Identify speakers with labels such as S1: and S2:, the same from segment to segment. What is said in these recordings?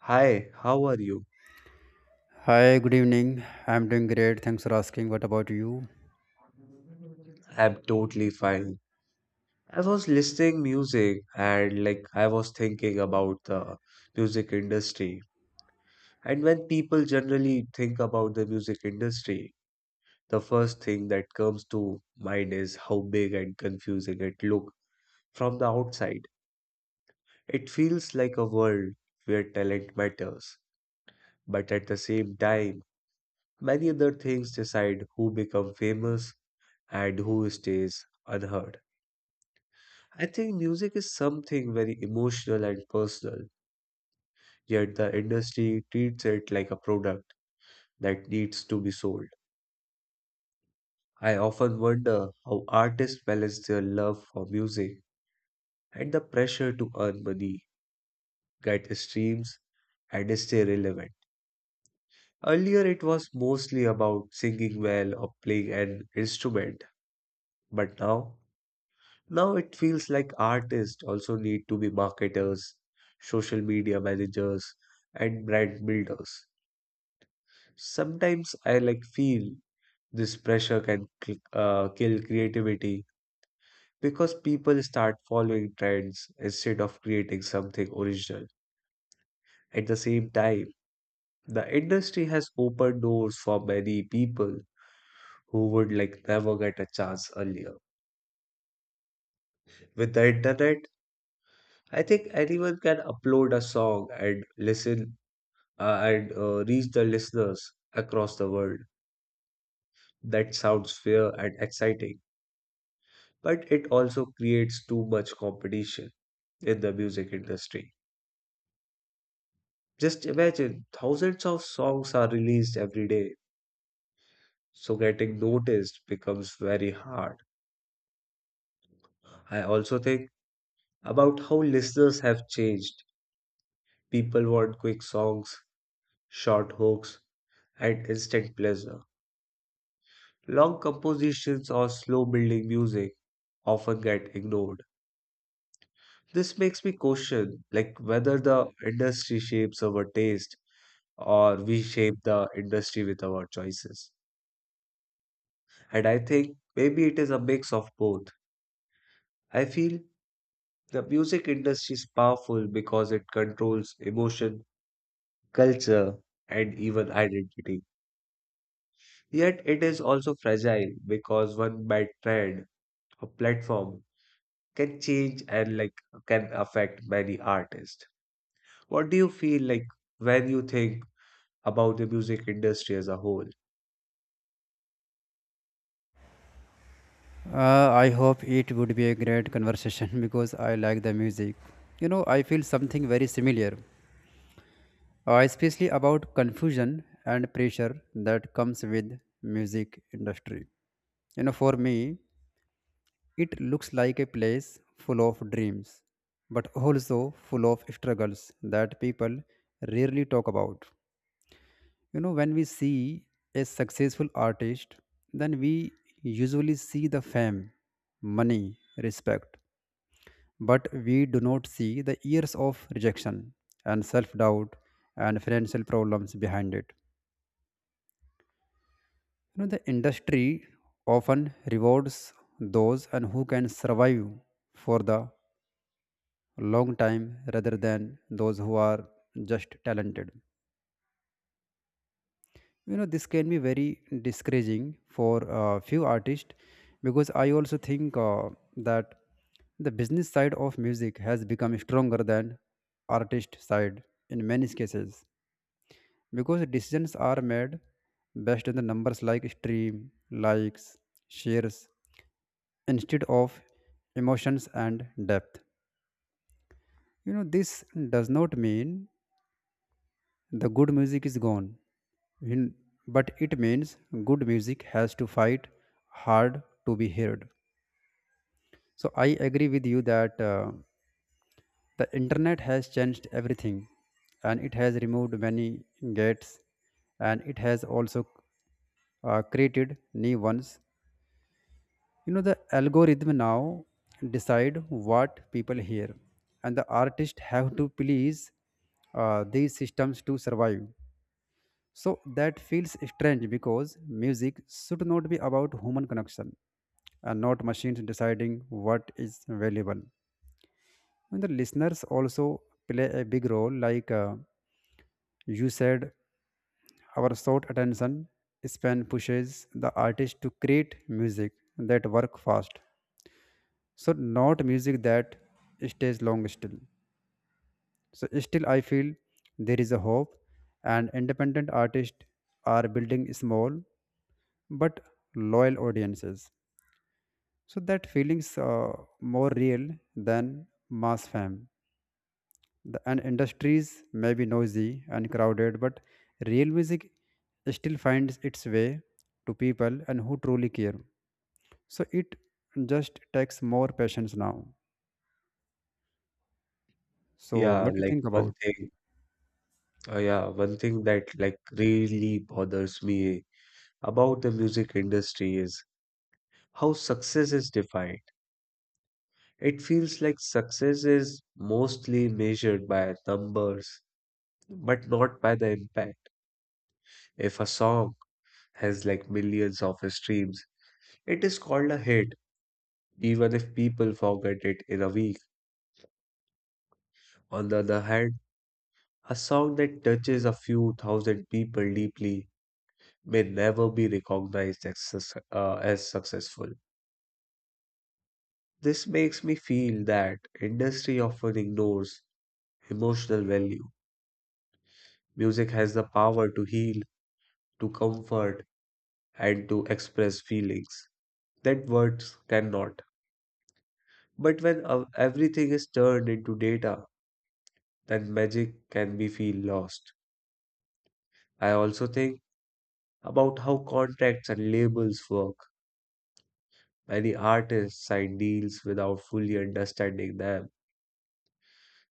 S1: Hi, how are you?
S2: Hi, good evening. I'm doing great. Thanks for asking. What about you?
S1: I'm totally fine. I was listening music and like I was thinking about the music industry. And when people generally think about the music industry, the first thing that comes to mind is how big and confusing it look from the outside. It feels like a world where talent matters, but at the same time, many other things decide who become famous and who stays unheard. I think music is something very emotional and personal, yet the industry treats it like a product that needs to be sold. I often wonder how artists balance their love for music and the pressure to earn money, get streams, and stay relevant. Earlier, it was mostly about singing well or playing an instrument, but now it feels like artists also need to be marketers, social media managers, and brand builders. Sometimes I like feel this pressure can kill creativity because people start following trends instead of creating something original. At the same time, the industry has opened doors for many people who would like never get a chance earlier. With the internet, I think anyone can upload a song and listen and reach the listeners across the world. That sounds fair and exciting, but it also creates too much competition in the music industry. Just imagine thousands of songs are released every day, so getting noticed becomes very hard. I also think about how listeners have changed. People want quick songs, short hooks, and instant pleasure. Long compositions or slow building music often get ignored. This makes me question like whether the industry shapes our taste or we shape the industry with our choices. And I think maybe it is a mix of both. I feel the music industry is powerful because it controls emotion, culture, and even identity. Yet it is also fragile because one bad trend or platform can change and like can affect many artists. What do you feel like when you think about the music industry as a whole?
S2: I hope it would be a great conversation because I like the music. You know, I feel something very similar, especially about confusion and pressure that comes with music industry. You know, for me, it looks like a place full of dreams, but also full of struggles that people rarely talk about. You know, when we see a successful artist, then we usually see the fame, money, respect, but we do not see the years of rejection and self doubt and financial problems behind it. You know, the industry often rewards those and who can survive for the long time rather than those who are just talented. You know this can be very discouraging for a few artists because I also think that the business side of music has become stronger than artist side in many cases, because decisions are made based on the numbers like stream likes shares instead of emotions and depth. You know, this does not mean the good music is gone. In- but it means good music has to fight hard to be heard. So I agree with you that the internet has changed everything, and it has removed many gates, and it has also created new ones. You know, the algorithm now decide what people hear, and the artists have to please these systems to survive. So that feels strange because music should not be about human connection and not machines deciding what is valuable. And the listeners also play a big role, like you said, our short attention span pushes the artist to create music that work fast. So not music that stays long still. So still I feel there is a hope, and independent artists are building small but loyal audiences. So that feelings more real than mass fame. The, and industries may be noisy and crowded, but real music still finds its way to people and who truly care. So it just takes more patience now. So
S1: Yeah,
S2: what do you
S1: like
S2: think
S1: one
S2: about?
S1: thing yeah, one thing that like really bothers me about the music industry is how success is defined. It feels like success is mostly measured by numbers, but not by the impact. If a song has like millions of streams, it is called a hit, even if people forget it in a week. On the other hand, a song that touches a few thousand people deeply may never be recognized as, as successful. This makes me feel that industry often ignores emotional value. Music has the power to heal, to comfort, and to express feelings that words cannot. But when everything is turned into data, then magic can be feel lost. I also think about how contracts and labels work. Many artists sign deals without fully understanding them,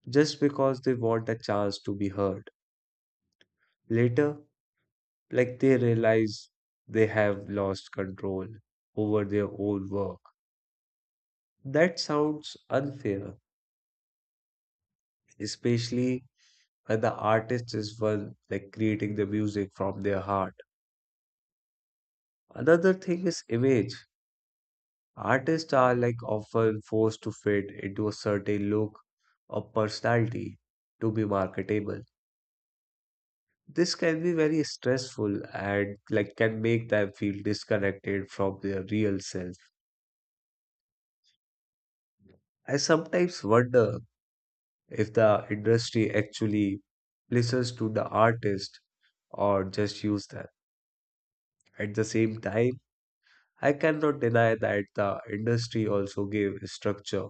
S1: just because they want a chance to be heard. Later, like they realize they have lost control over their own work. That sounds unfair, especially when the artist is one like creating the music from their heart. Another thing is image. Artists are like often forced to fit into a certain look or personality to be marketable. This can be very stressful and like can make them feel disconnected from their real self. I sometimes wonder if the industry actually listens to the artist or just use them. At the same time, I cannot deny that the industry also gave structure.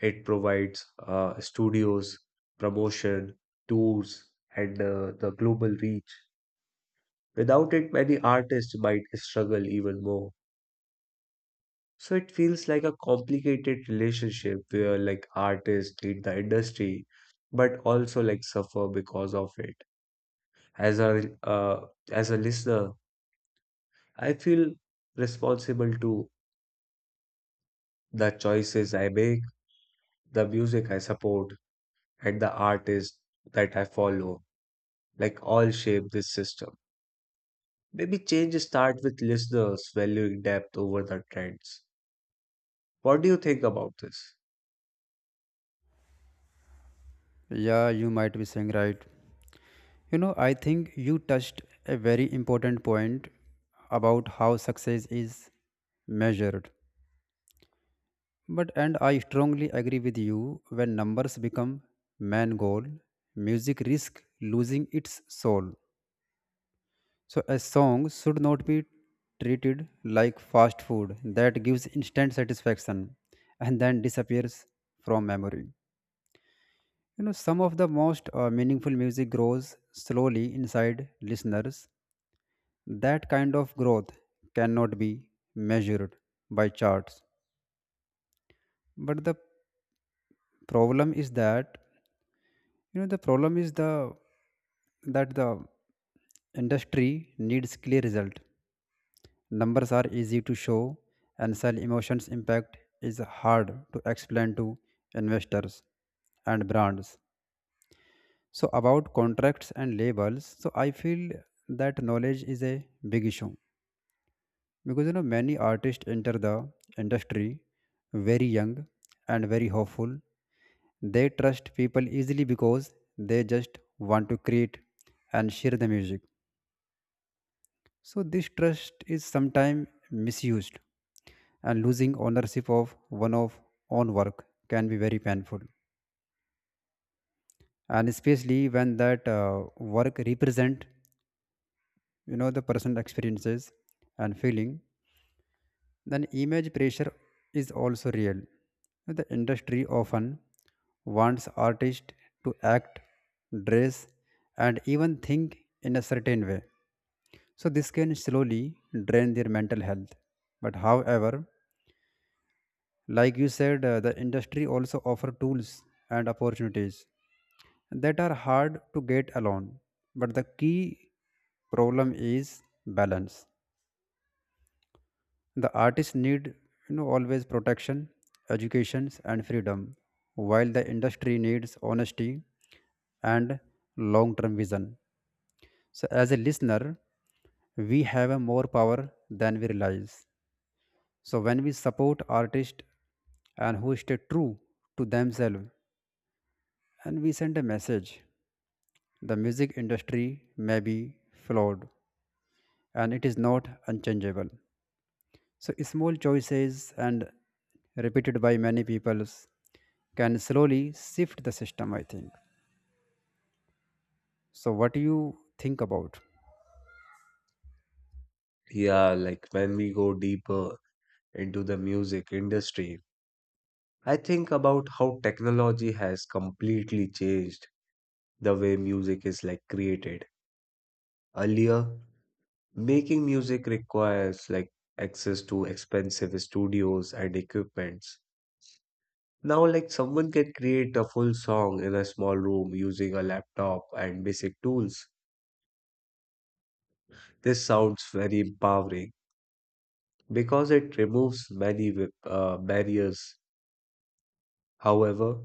S1: It provides studios, promotion, tours, and the global reach. Without it, many artists might struggle even more. So it feels like a complicated relationship where like artists need the industry, but also like suffer because of it. As a uh, as a listener, I feel responsible to the choices I make, the music I support, and the artists that I follow. Like all shape this system. Maybe change start with listeners valuing depth over the trends. What do you think about this?
S2: Yeah, you might be saying right. You know, I think you touched a very important point about how success is measured. But and I strongly agree with you when numbers become main goal, music risk losing its soul. So a song should not be treated like fast food that gives instant satisfaction and then disappears from memory. You know, some of the most meaningful music grows slowly inside listeners. That kind of growth cannot be measured by charts. But the problem is that, you know the problem is the that the industry needs clear result. Numbers are easy to show and sell, emotions impact is hard to explain to investors and brands. So about contracts and labels, so I feel that knowledge is a big issue, because you know many artists enter the industry very young and very hopeful. They trust people easily because they just want to create and share the music. So this trust is sometimes misused, and losing ownership of one of own work can be very painful, and especially when that work represent, you know, the personal experiences and feeling. Then image pressure is also real. The industry often wants artists to act, dress, and even think in a certain way. So this can slowly drain their mental health. But however, like you said, the industry also offer tools and opportunities that are hard to get alone. But the key problem is balance. The artists need, you know, always protection, educations and freedom, while the industry needs honesty and long-term vision. So as a listener, we have a more power than we realize. So when we support artists and who stay true to themselves, and we sent a message, the music industry may be flawed, and it is not unchangeable. So small choices and repeated by many people can slowly shift the system, I think. So what do you think about?
S1: Yeah, like when we go deeper into the music industry, I think about how technology has completely changed the way music is like created. Earlier, making music requires like access to expensive studios and equipments. Now, like someone can create a full song in a small room using a laptop and basic tools. This sounds very empowering because it removes many barriers. However,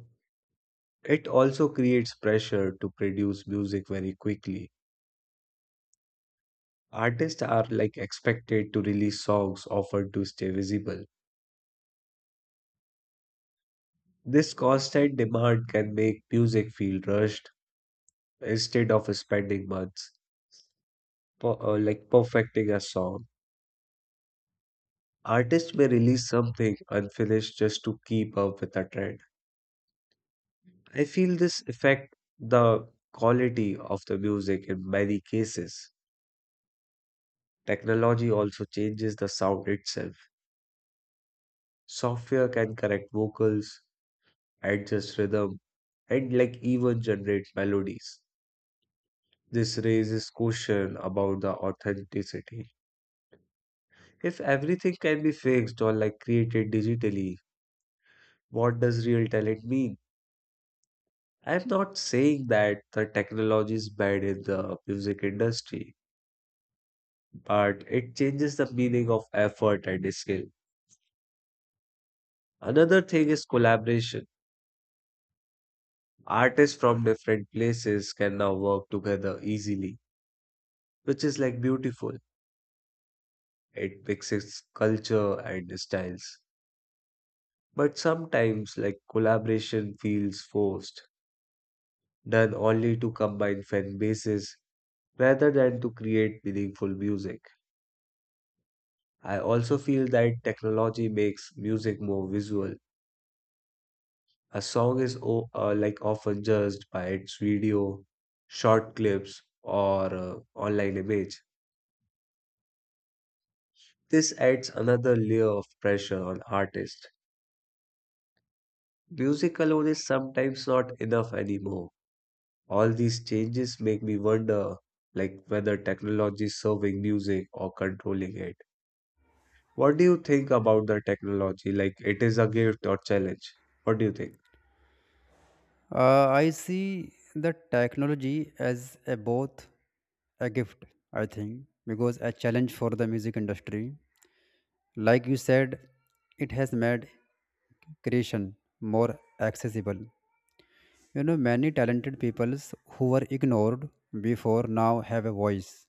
S1: it also creates pressure to produce music very quickly. Artists are like expected to release songs often to stay visible. This constant demand can make music feel rushed instead of spending months like perfecting a song. Artists may release something unfinished just to keep up with the trend. I feel this affect the quality of the music in many cases. Technology also changes the sound itself. Software can correct vocals, adjust rhythm, and like even generate melodies. This raises question about the authenticity. If everything can be fixed or like created digitally, what does real talent mean? I'm not saying that the technology is bad in the music industry, but it changes the meaning of effort and skill. Another thing is collaboration. Artists from different places can now work together easily, which is like beautiful. It mixes culture and styles. But sometimes, like collaboration feels forced, done only to combine fan bases rather than to create meaningful music. I also feel that technology makes music more visual. A song is o like often judged by its video, short clips, or online image. This adds another layer of pressure on artists. Music alone is sometimes not enough anymore. All these changes make me wonder, like whether technology is serving music or controlling it. What do you think about the technology? Like it is a gift or challenge? What do you think?
S2: I see the technology as a both a gift, I think, because a challenge for the music industry. Like you said, it has made creation more accessible. You know, many talented peoples who were ignored before now have a voice.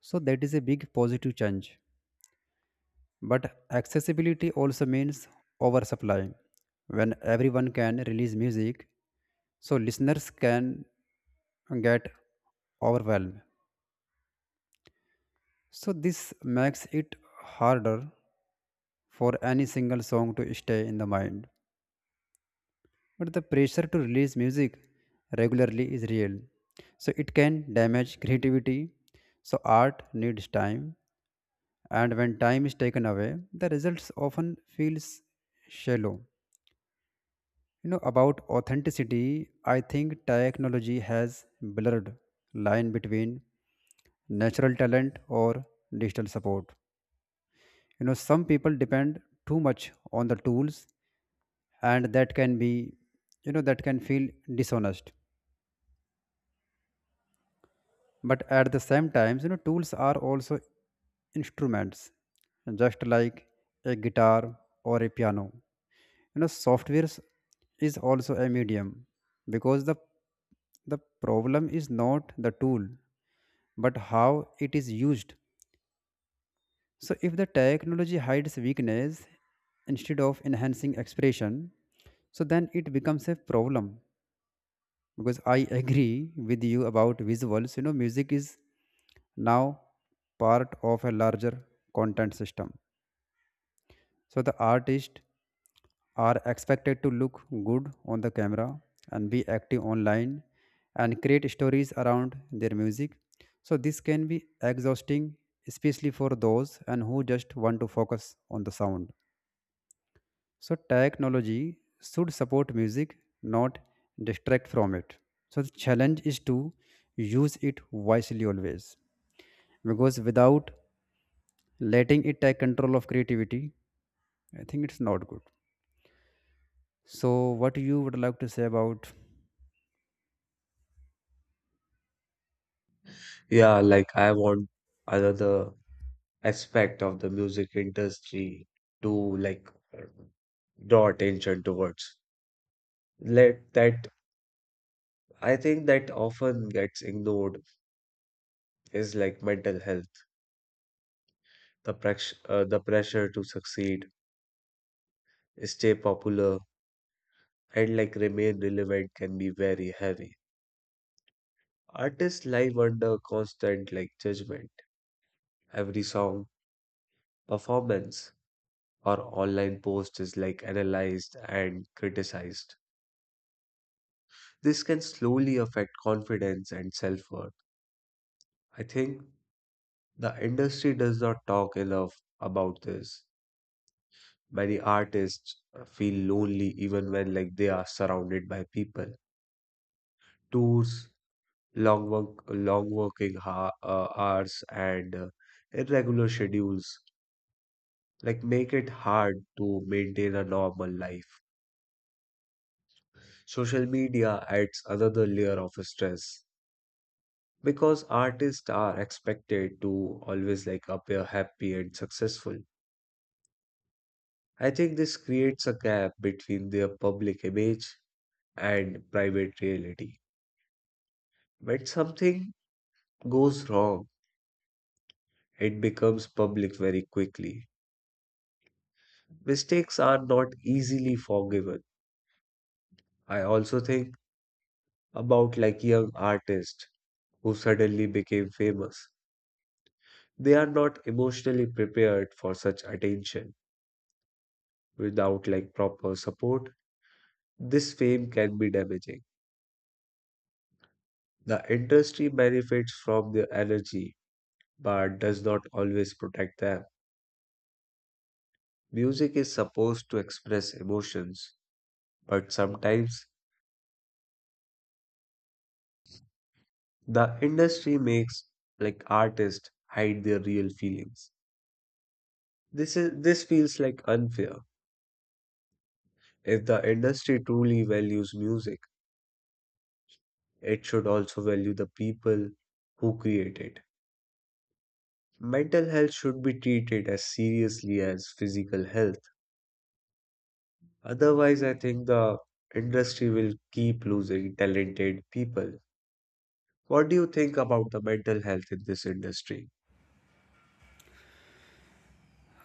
S2: So that is a big positive change. But accessibility also means oversupply. When everyone can release music, so listeners can get overwhelmed. So this makes it harder for any single song to stay in the mind. But the pressure to release music regularly is real. So it can damage creativity. So art needs time. And when time is taken away, the results often feels shallow. You know, about authenticity, I think technology has blurred line between natural talent or digital support. You know, some people depend too much on the tools, and that can be, you know, that can feel dishonest. But at the same times, you know, tools are also instruments, just like a guitar or a piano. You know, software is also a medium, because the problem is not the tool but how it is used. So if the technology hides weakness instead of enhancing expression, so then it becomes a problem. Because I agree with you about visuals, you know, music is now part of a larger content system. So the artists are expected to look good on the camera and be active online and create stories around their music. So this can be exhausting, especially for those and who just want to focus on the sound. So technology should support music, not distract from it. So the challenge is to use it wisely always. Because without letting it take control of creativity, I think it's not good. So what you would like to say about?
S1: Yeah, like I want another aspect of the music industry to like uh, draw attention towards. Let that I think that often gets ignored is like mental health, the pressure to succeed, stay popular, and like remain relevant can be very heavy. Artists live under constant like judgment. Every song, performance, or online post is like analyzed and criticized. This can slowly affect confidence and self worth. I think the industry does not talk enough about this. Many artists feel lonely even when like they are surrounded by people. Tours, long working hours, and irregular schedules like make it hard to maintain a normal life. Social media adds another layer of stress, because artists are expected to always like appear happy and successful. I think this creates a gap between their public image and private reality. When something goes wrong, it becomes public very quickly. Mistakes are not easily forgiven. I also think about like young artists who suddenly became famous. They are not emotionally prepared for such attention without like proper support. This fame can be damaging. The industry benefits from their energy, but does not always protect them. Music is supposed to express emotions, but sometimes the industry makes like artists hide their real feelings. This feels like unfair. If the industry truly values music, it should also value the people who create it. Mental health should be treated as seriously as physical health. Otherwise, I think the industry will keep losing talented people. What do you think about the mental health in this industry?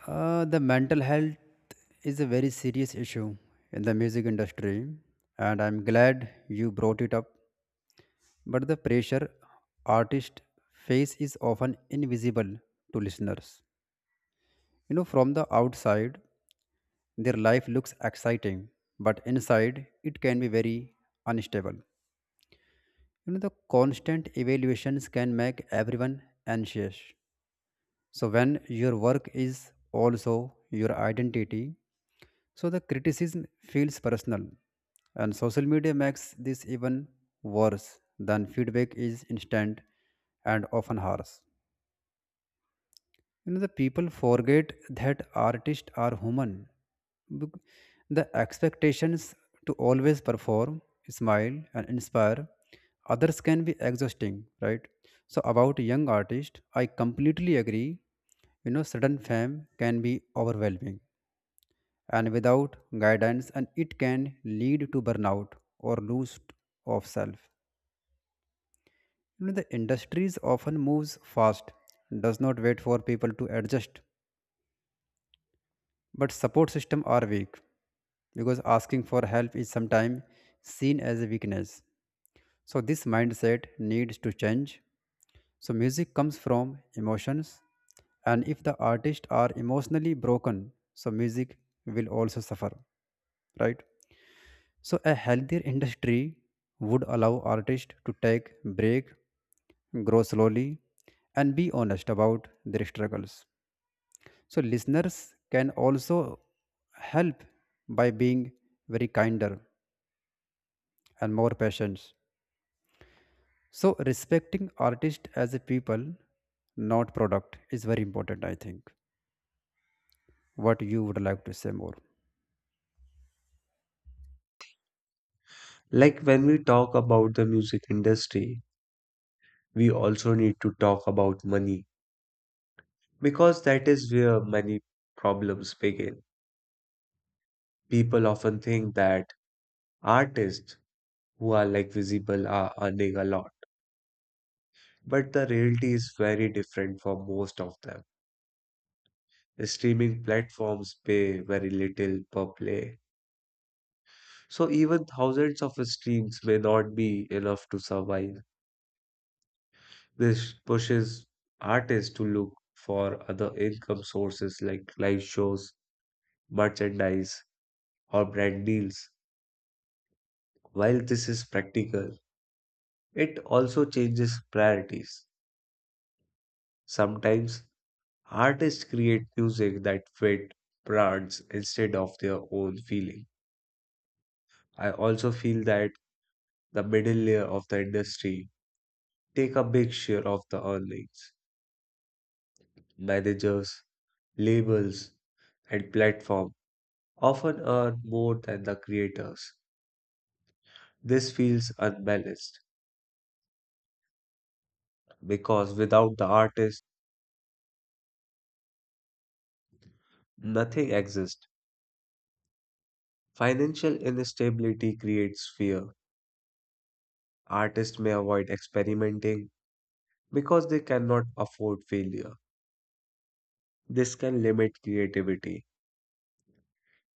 S2: The mental health is a very serious issue in the music industry, and I'm glad you brought it up. But the pressure artists face is often invisible to listeners. You know, from the outside, their life looks exciting, but inside, it can be very unstable. You know, the constant evaluations can make everyone anxious. So, when your work is also your identity, so the criticism feels personal, and social media makes this even worse than feedback is instant and often harsh. You know, the people forget that artists are human. Bec- the expectations to always perform, smile, and inspire others can be exhausting, right? So about young artists, I completely agree. You know, sudden fame can be overwhelming, and without guidance and it can lead to burnout or lose of self. You know, the industries often moves fast, does not wait for people to adjust. But support system are weak, because asking for help is sometimes seen as a weakness. So this mindset needs to change. So music comes from emotions, and if the artists are emotionally broken, so music will also suffer, right? So a healthier industry would allow artists to take break, grow slowly, and be honest about their struggles. So listeners can also help by being very kinder and more patient. So respecting artist as a people, not product, is very important, I think. What you would like to say more?
S1: Like when we talk about the music industry, we also need to talk about money because that is where many problems begin. People often think that artists who are like visible are earning a lot, but the reality is very different for most of them. Streaming platforms pay very little per play. So even thousands of streams may not be enough to survive. This pushes artists to look for other income sources like live shows, merchandise, or brand deals. While this is practical, it also changes priorities. Sometimes artists create music that fit brands instead of their own feeling. I also feel that the middle layer of the industry take a big share of the earnings: managers, labels, and platform often earn more than the creators. This feels unbalanced because without the artist, nothing exists. Financial instability creates fear. Artists may avoid experimenting because they cannot afford failure. This can limit creativity.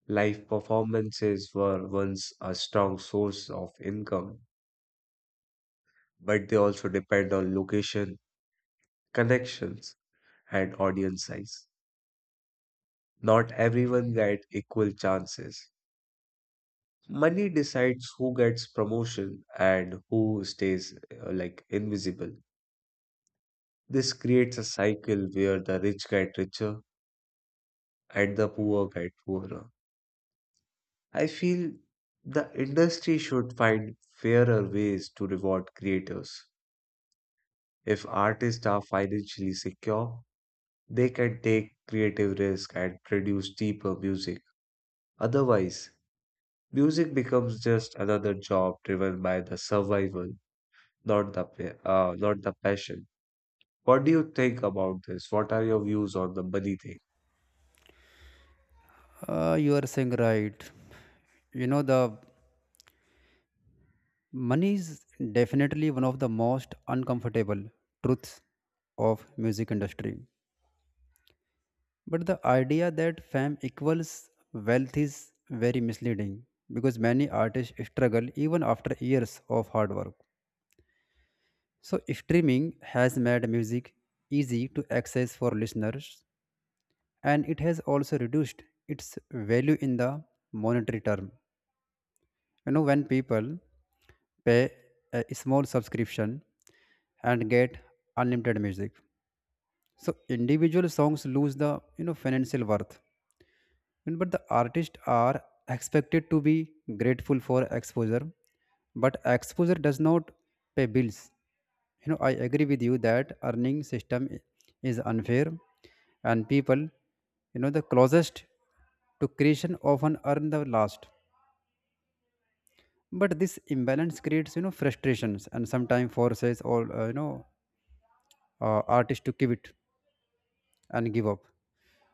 S1: Live performances were once a strong source of income, but they also depend on location, connections, and audience size. Not everyone gets equal chances. Money decides who gets promotion and who stays like invisible. This creates a cycle where the rich get richer and the poor get poorer. I feel the industry should find fairer ways to reward creators. If artists are financially secure, they can take creative risk and produce deeper music. Otherwise, music becomes just another job driven by the survival, not not the passion. What do you think about this? What are your views on the money thing?
S2: You are saying right. You know, the money is definitely one of the most uncomfortable truths of music industry. But the idea that fame equals wealth is very misleading, because many artists struggle even after years of hard work. So, streaming has made music easy to access for listeners, and it has also reduced its value in the monetary term. You know, when people pay a small subscription and get unlimited music, so individual songs lose the, you know, financial worth. And but the artists are expected to be grateful for exposure, but exposure does not pay bills. You know, I agree with you that earning system is unfair, and people, you know, the closest to creation often earn the last. But this imbalance creates, you know, frustrations and sometimes forces or artists to give it and give up.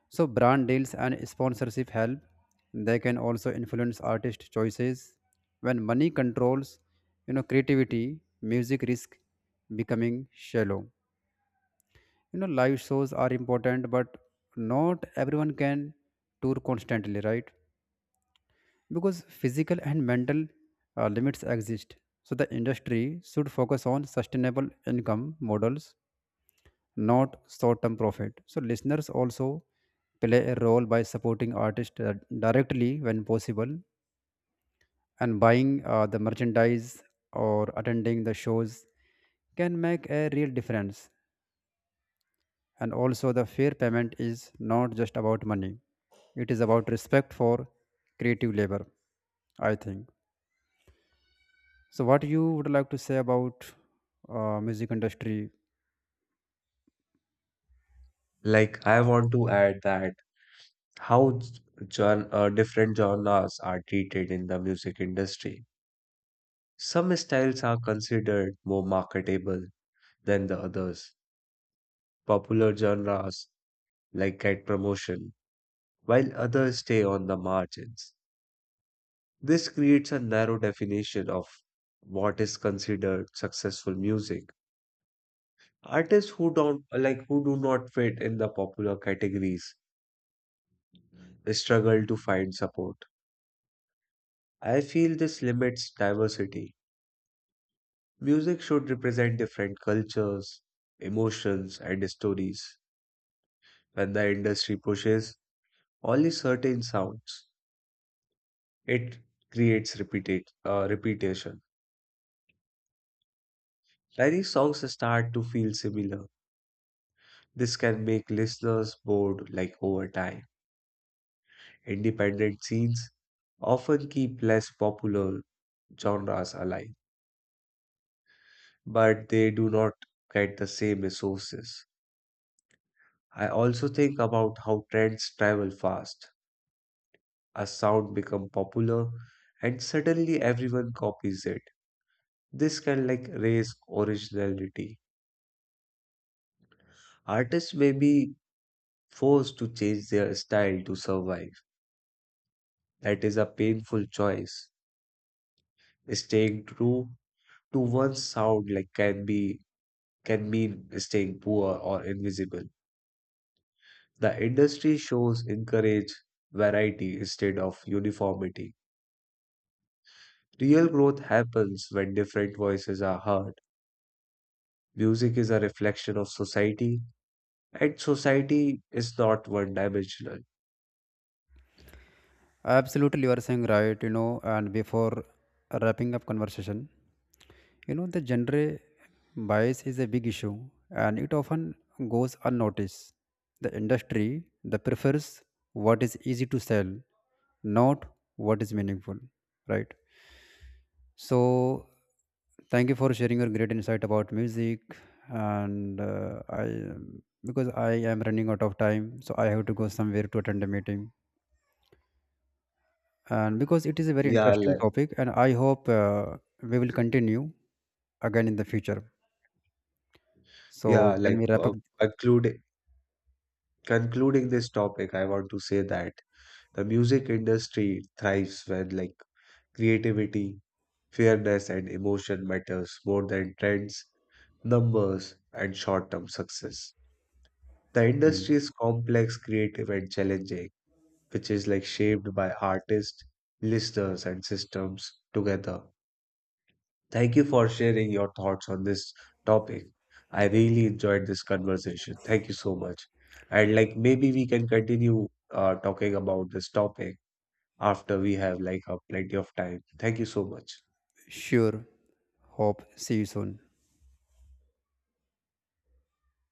S2: So brand deals and sponsorship help. They can also influence artist choices. When money controls, you know, creativity, music risk becoming shallow. You know, live shows are important, but not everyone can tour constantly, right? Because physical and mental limits exist. So the industry should focus on sustainable income models, not short-term profit. So listeners also play a role by supporting artists directly when possible, and buying the merchandise or attending the shows can make a real difference. And also the fair payment is not just about money. It is about respect for creative labor, I think. So what you would like to say about music industry?
S1: Like, I want to add that how different genres are treated in the music industry. Some styles are considered more marketable than the others. Popular genres like get promotion, while others stay on the margins. This creates a narrow definition of what is considered successful music. Artists who don't like who do not fit in the popular categories struggle to find support. I feel this limits diversity. Music should represent different cultures, emotions, and stories. When the industry pushes only certain sounds, it creates repetition. Many songs start to feel similar. This can make listeners bored like over time. Independent scenes often keep less popular genres alive, but they do not get the same resources. I also think about how trends travel fast. A sound becomes popular and suddenly everyone copies it. This can like raise originality. Artists may be forced to change their style to survive. That is a painful choice. Staying true to one sound can mean staying poor or invisible. The industry shows encourage variety instead of uniformity. Real growth happens when different voices are heard. Music is a reflection of society, and society is not one-dimensional.
S2: Absolutely, you are saying right, you know, and before wrapping up conversation, you know, the gender bias is a big issue, and it often goes unnoticed. The industry that prefers what is easy to sell, not what is meaningful, right? So, thank you for sharing your great insight about music. And because I am running out of time, so I have to go somewhere to attend a meeting, and because it is a very
S1: Yeah,
S2: interesting
S1: like
S2: topic and I hope we will continue again in the future, so
S1: yeah,
S2: can
S1: like
S2: we wrap
S1: uh,
S2: up?
S1: concluding concluding this topic, I want to say that the music industry thrives when like creativity, fairness and emotion matters more than trends, numbers, and short-term success. The industry
S2: Mm,
S1: is complex, creative, and challenging, which is like shaped by artists, listeners, and systems together. Thank you for sharing your thoughts on this topic. I really enjoyed this conversation. Thank you so much. And like maybe we can continue talking about this topic after we have like plenty of time. Thank you so much.
S2: sure, hope see you soon.